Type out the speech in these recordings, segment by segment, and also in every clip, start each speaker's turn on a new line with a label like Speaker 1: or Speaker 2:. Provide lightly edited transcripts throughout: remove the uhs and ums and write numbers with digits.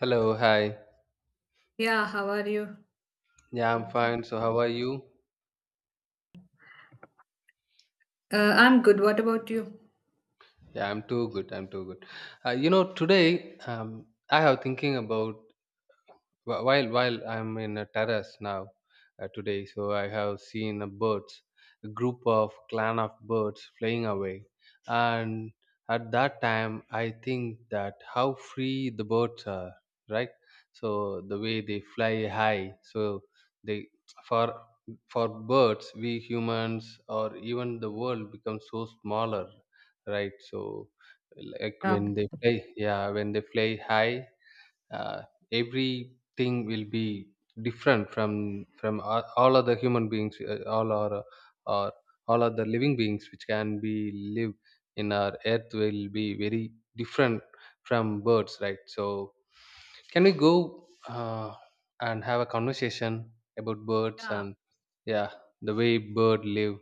Speaker 1: Hello, hi.
Speaker 2: Yeah, how are you?
Speaker 1: Yeah, I'm
Speaker 2: Okay.
Speaker 1: fine. So, how are you?
Speaker 2: I'm good. What about you?
Speaker 1: Yeah, I'm too good. Today I have thinking about while I'm in a terrace now today, so I have seen a birds, a group of clan of birds flying away. And at that time I think that how free the birds are, right? So the way they fly high, so they for for birds, we humans, or even the world becomes so smaller, right? So like
Speaker 2: Yeah.
Speaker 1: when they play, yeah, when they fly high, uh, everything will be different from all other human beings, all our, or all other living beings which can be live in our earth will be very different from birds, right? So can we go and have a conversation about birds
Speaker 2: Yeah,
Speaker 1: and, yeah, the way bird live.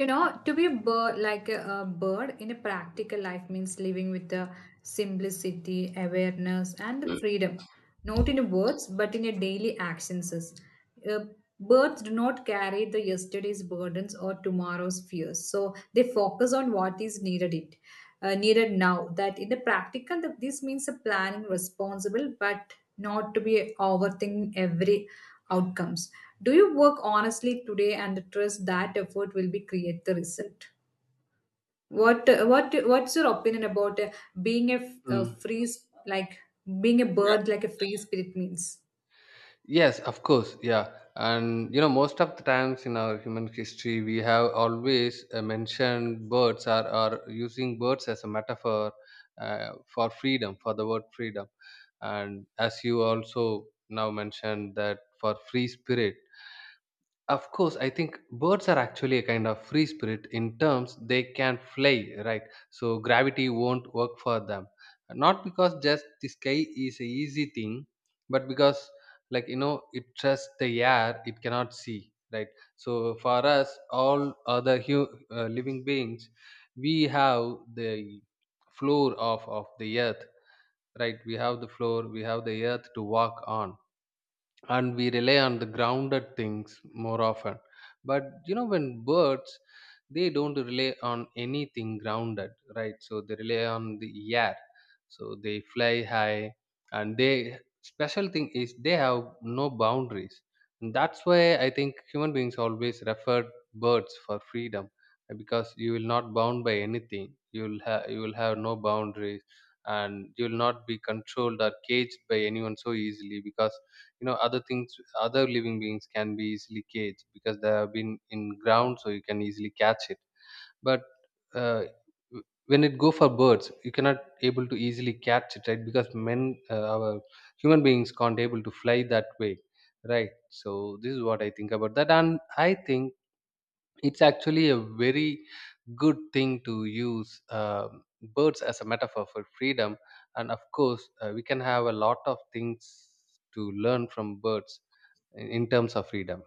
Speaker 2: To be a bird, like a bird in a practical life means living with the simplicity, awareness, and the freedom, not in words but in your daily actions. Uh, birds do not carry the yesterday's burdens or tomorrow's fears, so they focus on what is needed now. That in the practical, that this means a planning responsible, but not to be overthinking every outcomes. Do you work honestly today and trust that effort will be create the result? What's your opinion about being a, f- a
Speaker 1: Mm,
Speaker 2: free s- like being a
Speaker 1: yeah.
Speaker 2: bird like a free spirit means?
Speaker 1: Yes, of course. Yeah. And you know, most of the times in our human history, we have always mentioned birds are using birds as a metaphor for freedom, for the word freedom. And as you also now mentioned that for free spirit, of course, I think birds are actually a kind of free spirit in terms they can fly, right? So gravity won't work for them. Not because just the sky is a easy thing, but because, like, you know, it trusts the air it cannot see, right? So for us, all other living beings, we have the floor of the earth, right? We have the floor, we have the earth to walk on, and we rely on the grounded things more often. But you know, when birds, they don't rely on anything grounded, right? So they rely on the air, so they fly high. And they special thing is they have no boundaries. And that's why I think human beings always refer birds for freedom, because you will not bound by anything, you will have no boundaries, and you will not be controlled or caged by anyone so easily, because, you know, other things, other living beings can be easily caged because they have been in ground, so you can easily catch it. But uh, when it go for birds, you cannot able to easily catch it, right? Because men, our human beings can't able to fly that way, right? So this is what I think about that. And I think it's actually a very good thing to use birds as a metaphor for freedom. And of course, we can have a lot of things to learn from birds in terms of freedom.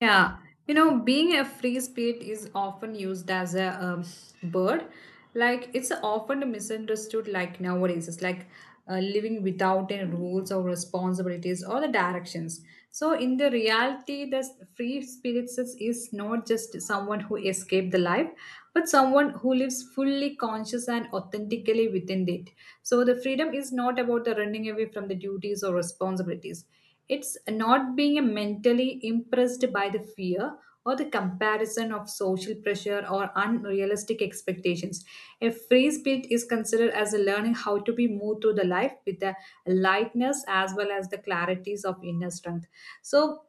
Speaker 2: Yeah, being a free spirit is often used as a bird. Like it's often misunderstood. Like nowadays, it's like living without any rules or responsibilities or the directions. So in the reality, free spirit is not just someone who escaped the life, but someone who lives fully conscious and authentically within it. So the freedom is not about the running away from the duties or responsibilities. It's not being mentally impressed by the fear or the comparison of social pressure or unrealistic expectations. A free spirit is considered as a learning how to be moved through the life with the lightness as well as the clarities of inner strength. So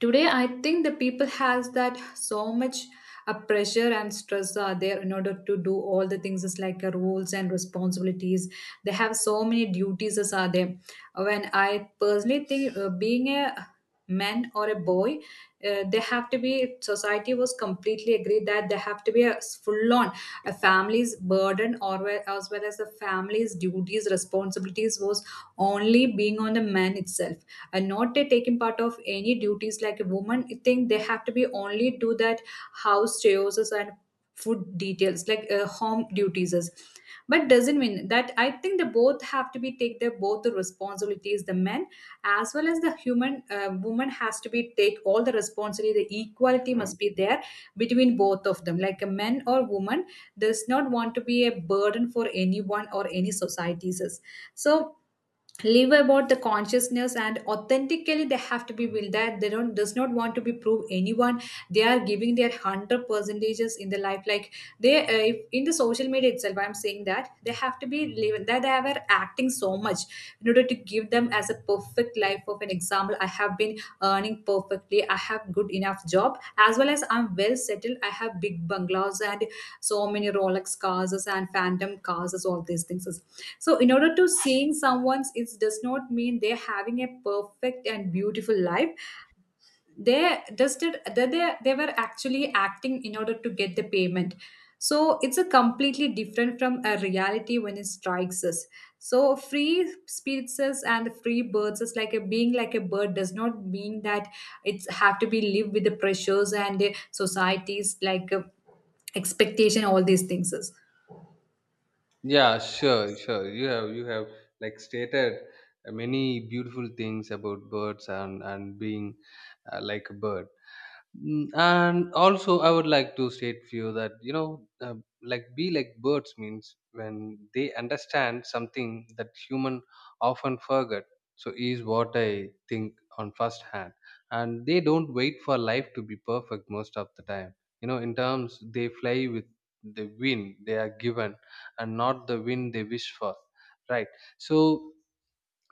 Speaker 2: today I think the people has that so much a pressure and stress are there in order to do all the things is like roles and responsibilities. They have so many duties as are there when I personally think, being a man or a boy, they have to be society was completely agreed that they have to be a full on a family's burden or as well as the family's duties responsibilities was only being on the man itself, and not they taking part of any duties like a woman. I think they have to be only do that house chores and food details like home duties is. But doesn't mean that I think they both have to be take their both the responsibilities, the men as well as the human woman has to be take all the responsibility. The equality must be there between both of them like a man or woman does not want to be a burden for anyone or any societies. So live about the consciousness and authentically they have to be will that they don't does not want to be prove anyone. They are giving their 100 percentages in the life like they, if in the social media itself I'm saying that they have to be living that they were acting so much in order to give them as a perfect life of an example. I have been earning perfectly, I have good enough job as well as I'm well settled, I have big bungalows and so many rolex cars and phantom cars, all these things. So, in order to seeing someone's, it does not mean they're having a perfect and beautiful life. They just did that they were actually acting in order to get the payment. So it's a completely different from a reality when it strikes us. So free spirits and free birds is like a being like a bird does not mean that it's have to be live with the pressures and the societies like expectation, all these things is.
Speaker 1: Yeah, sure, sure, you have like stated many beautiful things about birds and being like a bird. Mm, and also I would like to state for you that, you know, like be like birds means when they understand something that human often forget. So is what I think on first hand. And they don't wait for life to be perfect most of the time. You know, in terms they fly with the wind they are given, and not the wind they wish for, right? So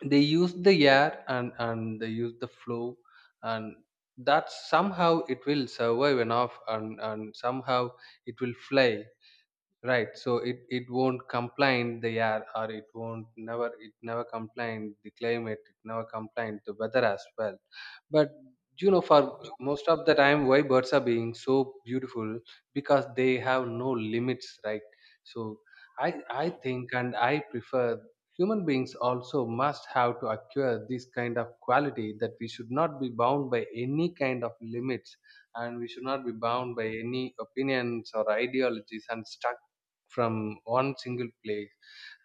Speaker 1: they use the air, and they use the flow, and that somehow it will survive enough, and somehow it will fly. Right. So it won't complain the air, or it won't never it never complain the climate, it never complain the weather as well. But you know, for most of the time, why birds are being so beautiful, because they have no limits, right? So I think, and I prefer human beings also must have to acquire this kind of quality, that we should not be bound by any kind of limits, and we should not be bound by any opinions or ideologies and stuck from one single place,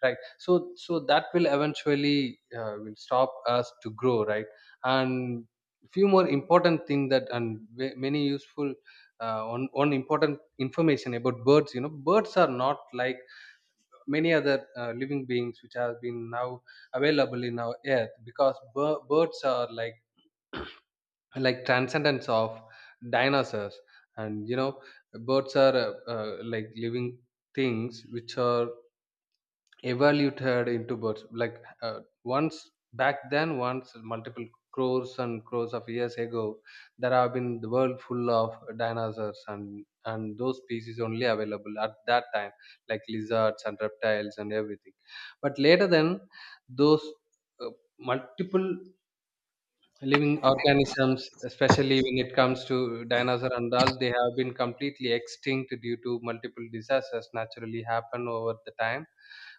Speaker 1: right? So so that will eventually will stop us to grow, right? And few more important thing that, and many useful, one important information about birds. You know, birds are not like many other living beings which have been now available in our earth, because birds are like transcendence of dinosaurs. And you know, birds are like living things which are evaluated into birds, like, once back then once multiple crores and crores of years ago, there have been the world full of dinosaurs, and those species only available at that time, like lizards and reptiles and everything. But later then, those, uh, multiple living organisms, especially when it comes to dinosaur and all, they have been completely extinct due to multiple disasters naturally happen over the time.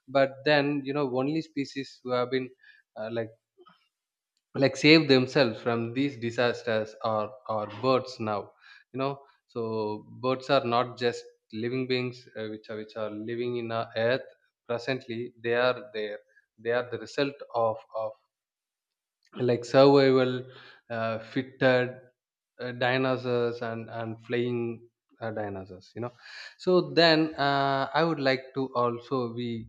Speaker 1: But then, you know, only species who have been uh, like like save themselves from these disasters are birds now, you know. So birds are not just living beings, which are living in our earth presently, they are there. They are the result of like survival fitted dinosaurs and flying dinosaurs, you know. So then, I would like to also we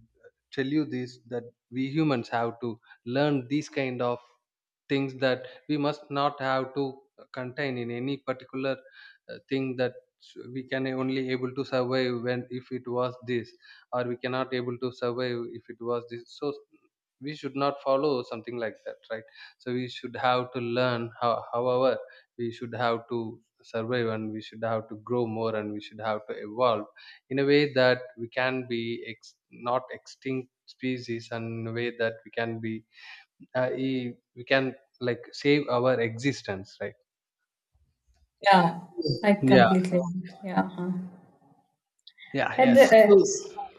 Speaker 1: tell you this, that we humans have to learn these kind of things, that we must not have to contain in any particular thing, that we can only able to survive when if it was this, or we cannot able to survive if it was this. So we should not follow something like that, right? So we should have to learn how, however we should have to survive, and we should have to grow more, and we should have to evolve in a way that we can be not extinct species, and in a way that we can be we can, like, save our existence, right?
Speaker 2: Yeah, I
Speaker 1: yeah
Speaker 2: completely agree. Yeah. Uh-huh.
Speaker 1: yeah
Speaker 2: At the
Speaker 1: yes
Speaker 2: uh,
Speaker 1: so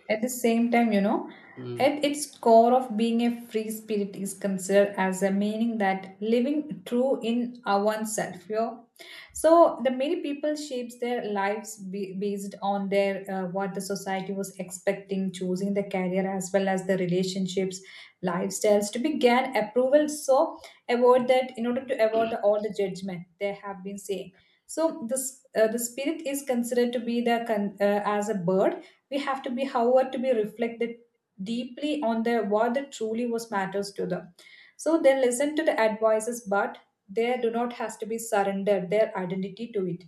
Speaker 2: at the same time,
Speaker 1: Mm,
Speaker 2: at its core of being a free spirit is considered as a meaning that living true in our oneself. You know? So the many people shapes their lives based on their what the society was expecting, choosing the career as well as the relationships, lifestyles to be gain approval. So avoid that in order to avoid all the judgment they have been saying. So this the spirit is considered to be as a bird. We have to be, however, to be reflected deeply on the what that truly was matters to them. So they listen to the advices, but they do not has to be surrendered their identity to it.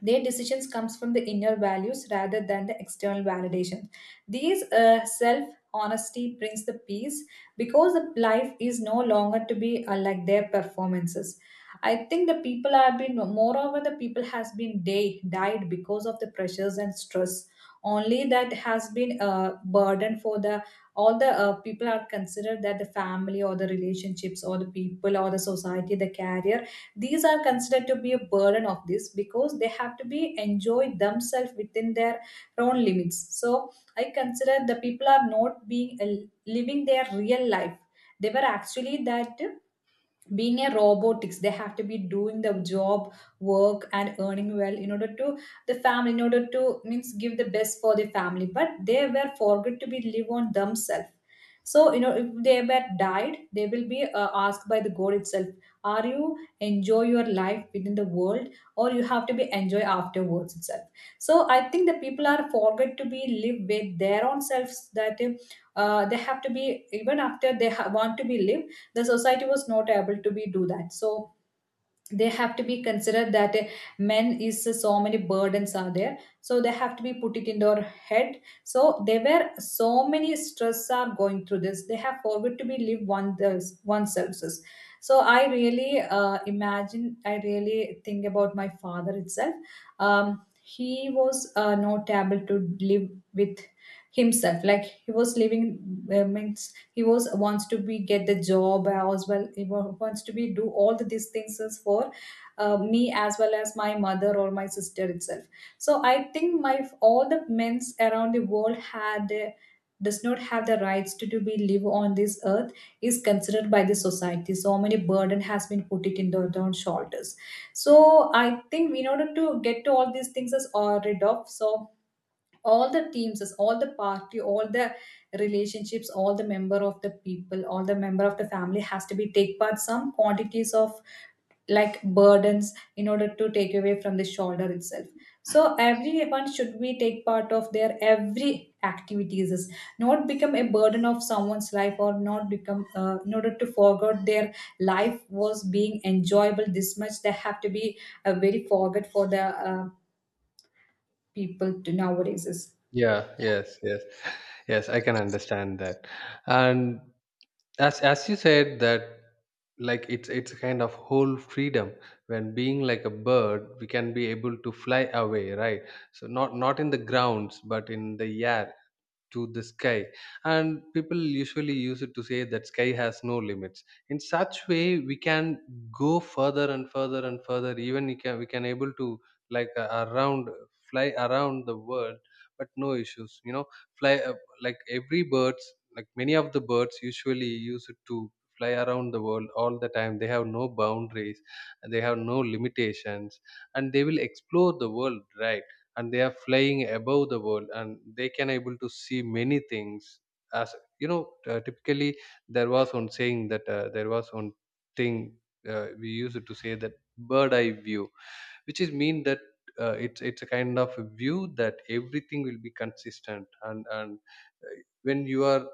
Speaker 2: Their decisions comes from the inner values rather than the external validation. These self honesty brings the peace because the life is no longer to be like their performances. I think the people have been moreover the people has been day died because of the pressures and stress. Only that has been a burden for the all the people are considered that the family or the relationships or the people or the society, the career, these are considered to be a burden of this because they have to be enjoyed themselves within their own limits. So I consider the people are not being living their real life. They were actually that being a robotics they have to be doing the job work and earning well in order to the family in order to means give the best for the family, but they were forgot to be live on themselves. So if they were died they will be asked by the god itself, are you enjoy your life within the world or you have to be enjoy afterwards itself. So I think the people are forget to be live with their own selves that, they have to be even after they want to be live. The society was not able to be do that, so they have to be considered that, men is so many burdens are there, so they have to be put it in their head. So there were so many stress are going through this they have forgot to be live one one services. So I really, imagine I really think about my father itself. um, he was, not able to live with himself. Like he was living, means he was wants to be get the job as well, he wants to be do all these things is for, me as well as my mother or my sister itself. So I think my all the men's around the world had, does not have the rights to be live on this earth, is considered by the society. So many burden has been put it in their own shoulders. So I think in order to get to all these things is rid of. So all the teams is, all the party, all the relationships, all the member of the people, all the member of the family has to be take part some quantities of like burdens in order to take away from the shoulder itself. So everyone should be take part of their every activities is, not become a burden of someone's life or not become in order to forget their life was being enjoyable this much. They have to be, very forget for the people to nowadays is.
Speaker 1: yeah, yes, yes, yes, I can understand that. And as you said that, like, it's a kind of whole freedom, when being like a bird we can be able to fly away, right? So not in the grounds, but in the air, to the sky. And people usually use it to say that sky has no limits. In such way, we can go further and further and further, even we can able to, like, around fly around the world. But no issues, you know, fly, like every birds, like many of the birds usually use it to fly around the world all the time. They have no boundaries, and they have no limitations, and they will explore the world, right? And they are flying above the world, and they can able to see many things. As you know, typically, there was one saying, that, there was one thing we used to say that bird eye view, which is mean that, it's a kind of a view that everything will be consistent, and uh, when you are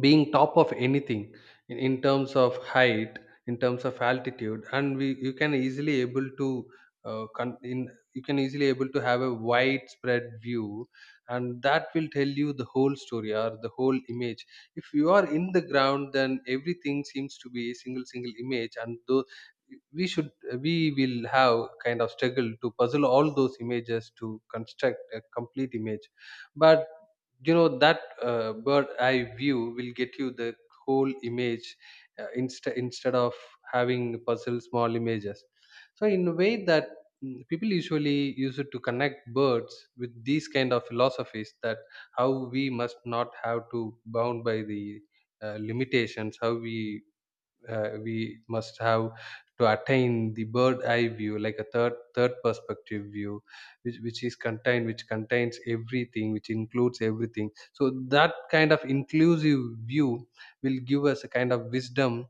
Speaker 1: being top of anything, in terms of height, in terms of altitude, and we you can easily able to, uh, con- in, you can easily able to have a widespread view, and that will tell you the whole story or the whole image. If you are in the ground, then everything seems to be a single image, and though we should, we will have kind of struggle to puzzle all those images to construct a complete image. But you know that, bird eye view will get you the whole image, instead of having puzzle small images. So in a way that, mm, people usually use it to connect birds with these kind of philosophies, that how we must not have to bound by the limitations, how we, we must have to attain the bird eye view, like a third perspective view, which is contained, which contains everything, which includes everything. So that kind of inclusive view will give us a kind of wisdom,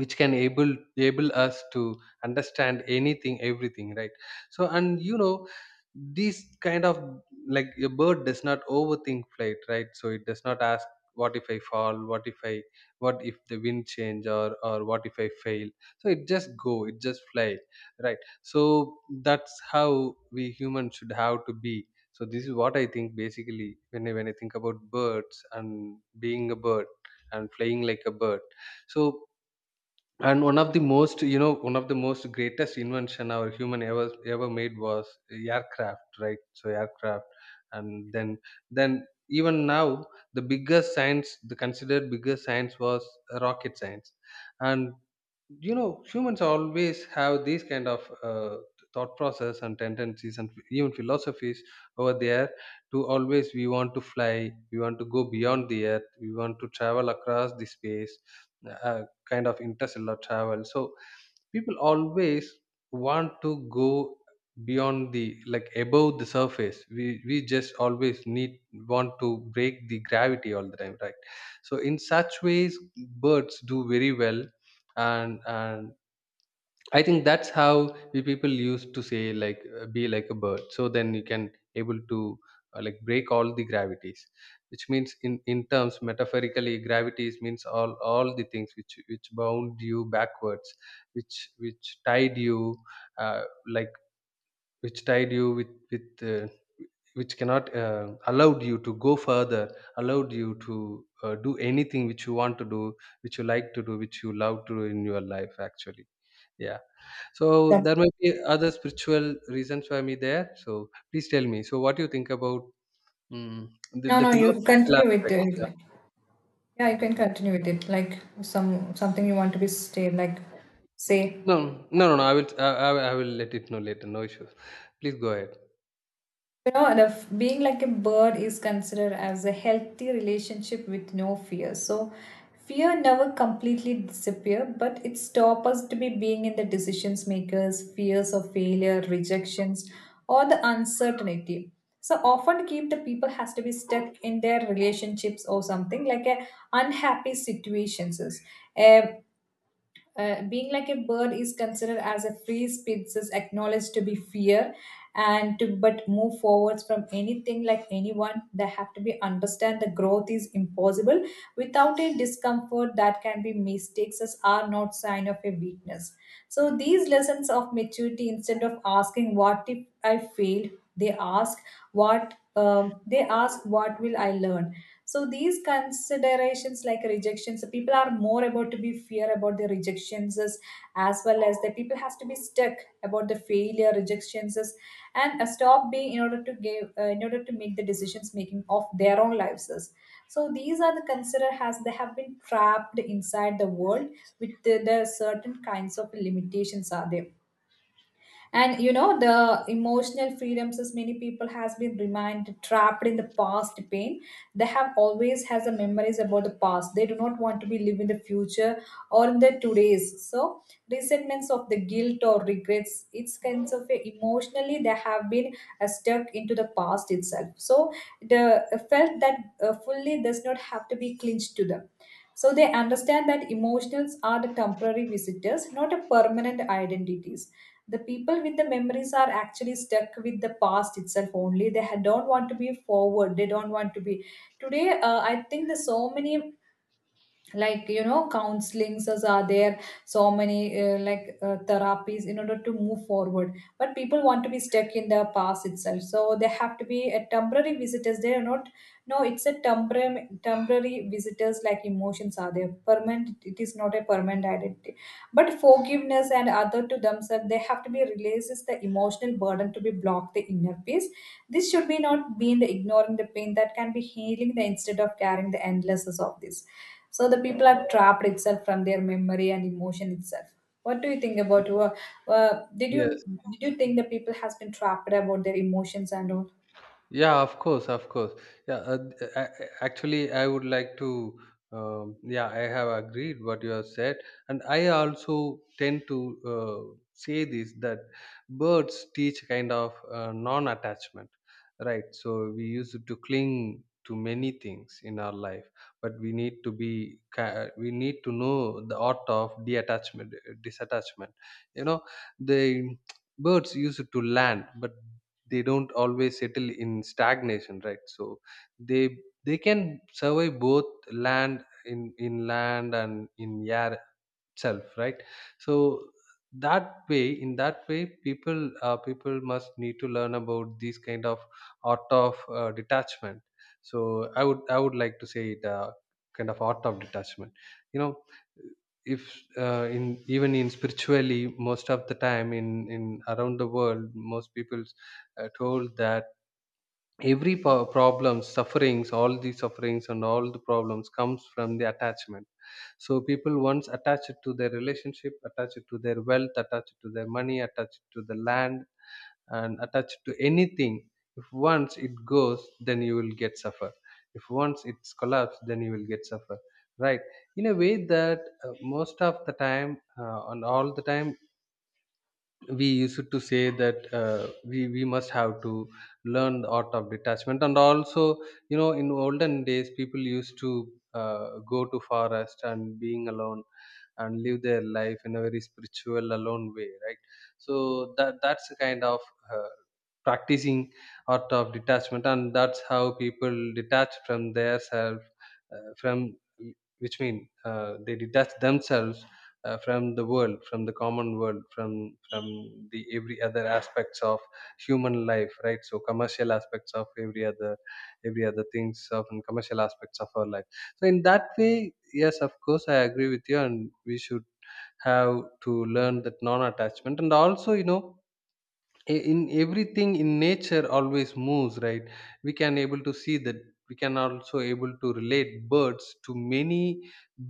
Speaker 1: which can able us to understand anything, everything, right? So and you know, these kind of, like, a bird does not overthink flight, right? So it does not ask what if I fall, what if I what if the wind change, or what if I fail. So it just go, it just fly, right? So that's how we humans should have to be. So this is what I think basically, when I think about birds, and being a bird, and flying like a bird. So, and one of the most, you know, one of the most greatest invention our human ever made was aircraft, right? So aircraft. And then, then even now, the biggest science, the considered biggest science was rocket science. And you know, humans always have these kind of thought process and tendencies and even philosophies over there, to always we want to fly, we want to go beyond the earth, we want to travel across the space uh, Kind of interstellar travel, so people always want to go beyond, the like above the surface. We just always need want to break the gravity all the time, right? So in such ways birds do very well, and I think that's how we people used to say, like be like a bird. So then you can able to like break all the gravities, which means in terms metaphorically gravities means all the things which bound you backwards, which tied you uh, like which tied you with which cannot allowed you to go further, allowed you to do anything which you want to do, which you like to do, which you love to do in your life actually. Yeah. So
Speaker 2: That's
Speaker 1: there might be other spiritual reasons for me there. So please tell me. So what do you think about the,
Speaker 2: No,
Speaker 1: the
Speaker 2: no, you
Speaker 1: philosophical
Speaker 2: continue with
Speaker 1: aspect?
Speaker 2: it.
Speaker 1: Yeah.
Speaker 2: Like, yeah, you can continue with it. Like something you want to be stay like say.
Speaker 1: No, no, no, no. I will, I will let it know later. No issues. Please go ahead.
Speaker 2: Being like a bird is considered as a healthy relationship with no fear. So fear never completely disappear, but it stops us to be being in the decisions makers, fears of failure, rejections, or the uncertainty. So often keep the people has to be stuck in their relationships or something like a unhappy situations. Um, being like a bird is considered as a free species is acknowledged to be fear and to but move forwards from anything like anyone. They have to be understand the growth is impossible without a discomfort that can be mistakes as are not sign of a weakness. So these lessons of maturity, instead of asking what if I failed, they ask what will I learn. So these considerations like rejections, people are more about to be fear about the rejections, as well as the people has to be stuck about the failure rejections and stop being in order to make the decisions making of their own lives as. So these are the consider has they have been trapped inside the world with the certain kinds of limitations are there. And the emotional freedoms as many people has been remained trapped in the past pain. They have always has a memories about the past. They do not want to be live in the future or in the today's. So resentments of the guilt or regrets, it's kinds of emotionally they have been stuck into the past itself. So the felt that fully does not have to be clinched to them. So they understand that emotions are the temporary visitors, not a permanent identities. The people with the memories are actually stuck with the past itself only. They don't want to be forward, they don't want to be today. I think there's so many, like counselings as are there, so many like therapies in order to move forward, but people want to be stuck in the past itself. So they have to be a temporary visitors, they are not. No, it's a temporary visitors, like emotions are there permanent, it is not a permanent identity. But forgiveness and other to themselves, they have to be releases the emotional burden to be blocked the inner peace. This should be not being the ignoring the pain that can be healing the instead of carrying the endlessness of this. So the people are trapped itself from their memory and emotion itself. What do you think about?
Speaker 1: Yeah.
Speaker 2: Did you,
Speaker 1: Yes.
Speaker 2: did you think the people has been trapped about their emotions and all?
Speaker 1: Yeah, of course, of course. Yeah, actually, I would like to. Yeah, I have agreed what you have said, and I also tend to say this that birds teach kind of non-attachment, right? So we used to cling to many things in our life, but we need to know the art of detachment, disattachment. You know, the birds used to land, but they don't always settle in stagnation, right? So they they can survive both, land in land and in air self, right? So that way, in that way, people people must need to learn about these kind of art of detachment. So I would like to say it, kind of art of detachment. You know, if in even in spiritually, most of the time, in around the world, most people told that problem, sufferings, all these sufferings and all the problems comes from the attachment. So people once attached to their relationship, attached to their wealth, attached to their money, attached to the land, and attached to anything. If once it goes, then you will get suffer. If once it's collapsed, then you will get suffer, right? In a way that most of the time and all the time, we used to say that we must have to learn the art of detachment. And also you know, in olden days, people used to go to forest and being alone, and live their life in a very spiritual alone way, right? So that that's a kind of uh, practicing art of detachment, and that's how people detach from their self, from which mean they detach themselves from the world, from the common world, from the every other aspects of human life, right? So commercial aspects of every other, every other things of, and commercial aspects of our life. So in that way, yes, of course, I agree with you, and we should have to learn that non attachment. And also, you know, I- in everything in nature always moves, right? We can able to see that. We can also able to relate birds to many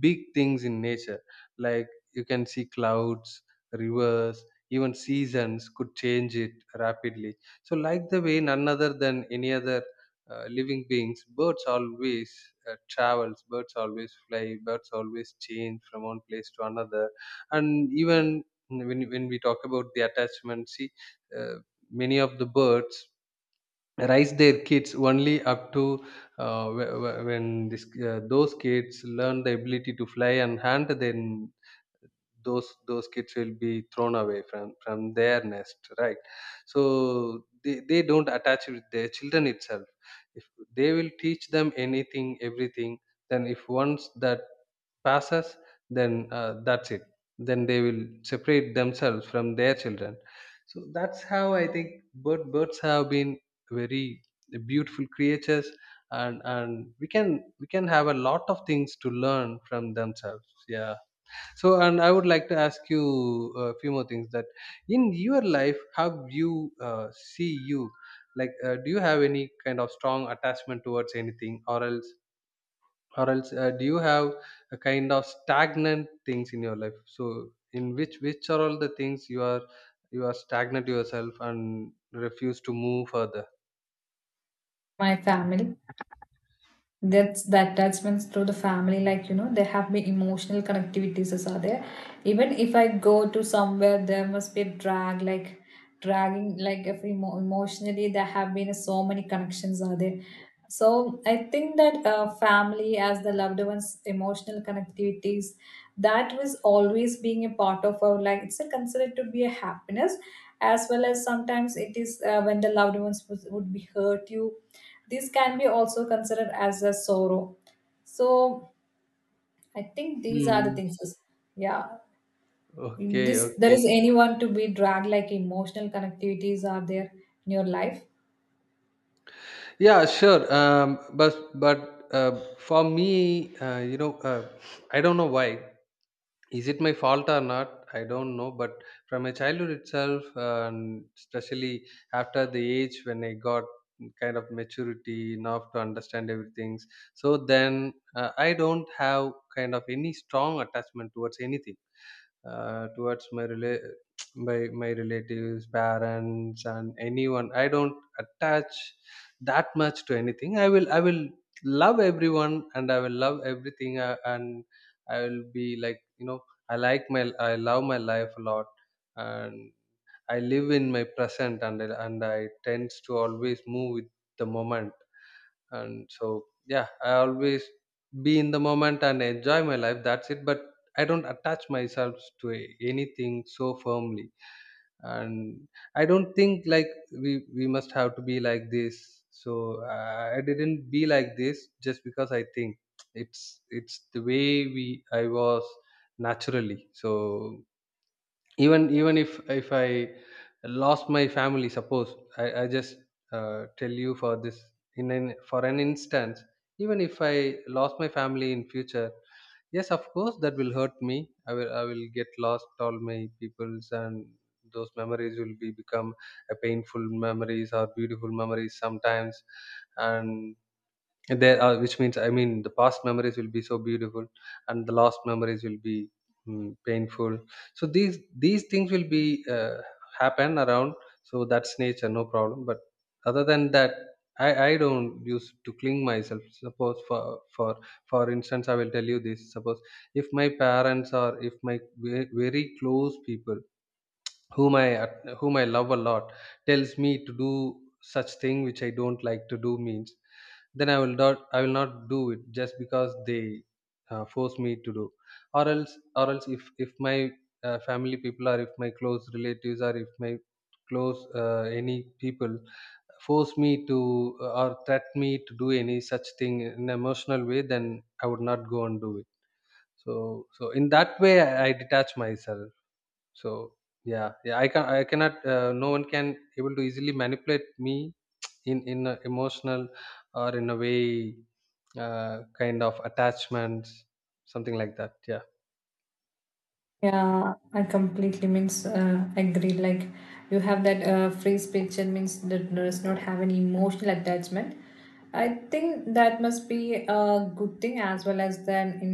Speaker 1: big things in nature, like you can see clouds, rivers, even seasons could change it rapidly. So like the way none other than any other living beings, birds always travels, birds always fly, birds always change from one place to another. And even when we talk about the attachments, uh, many of the birds raise their kids only up to when this, those kids learn the ability to fly and hunt, then those kids will be thrown away from their nest, right? So they don't attach with their children itself. If they will teach them anything, everything, then if once that passes, then that's it. Then they will separate themselves from their children. So that's how I think birds have been very beautiful creatures, and we can, we can have a lot of things to learn from themselves. Yeah. So, and I would like to ask you a few more things. That in your life, how you see you, like, do you have any kind of strong attachment towards anything, or else, do you have a kind of stagnant things in your life? So, in which are all the things you are, you are stagnant yourself and refuse to move further?
Speaker 2: My family. That's the attachments through the family, like, there have been emotional connectivities as are there. Even if I go to somewhere, there must be a drag, like dragging, like if emotionally, there have been so many connections are there. So I think that family as the loved ones, emotional connectivities, that was always being a part of our life. It's a considered to be a happiness, as well as sometimes it is when the loved ones would be hurt you, these can be also considered as a sorrow. So I think these are the
Speaker 1: Hmm.
Speaker 2: things. Yeah,
Speaker 1: Okay,
Speaker 2: this there
Speaker 1: okay.
Speaker 2: is anyone to be dragged, like emotional connectivities are there in your life.
Speaker 1: Yeah, sure. But for me, you know, I don't know why. Is it my fault or not? I don't know. But from my childhood itself, and especially after the age when I got kind of maturity enough to understand everything, so then I don't have kind of any strong attachment towards anything, uh, towards my rela- by my relatives, parents, and anyone. I don't attach that much to anything. I will love everyone, and I will love everything, and I will be like, you know, I love my life a lot. And I live in my present, and I tends to always move with the moment. And so yeah, I always be in the moment and enjoy my life, that's it. But I don't attach myself to anything so firmly. And I don't think like we must have to be like this. So I didn't be like this just because I think it's the way we I was naturally. So even if I lost my family, suppose I just tell you for this, for an instance, even if I lost my family in future, yes, of course, that will hurt me. I will get lost all my peoples, and those memories will be become a painful memories or beautiful memories sometimes. And there are, which means I mean the past memories will be so beautiful, and the last memories will be painful. So these things will be happen around. So that's nature, no problem. But other than that, I don't use to cling myself. Suppose for instance, I will tell you this. Suppose if my parents or if my very close people, whom I love a lot, tells me to do such thing which I don't like to do means, then I will not do it just because they force me to do. Or else, or else, if my family people, or if my close relatives, or if my close any people force me to or threat me to do any such thing in an emotional way, then I would not go and do it. So so in that way, I detach myself. So yeah, yeah, I cannot. No one can able to easily manipulate me in a emotional or in a way kind of attachments, something like that. Yeah.
Speaker 2: Yeah, I completely means agree. Like you have that free speech and means that does not have any emotional attachment. I think that must be a good thing, as well as then in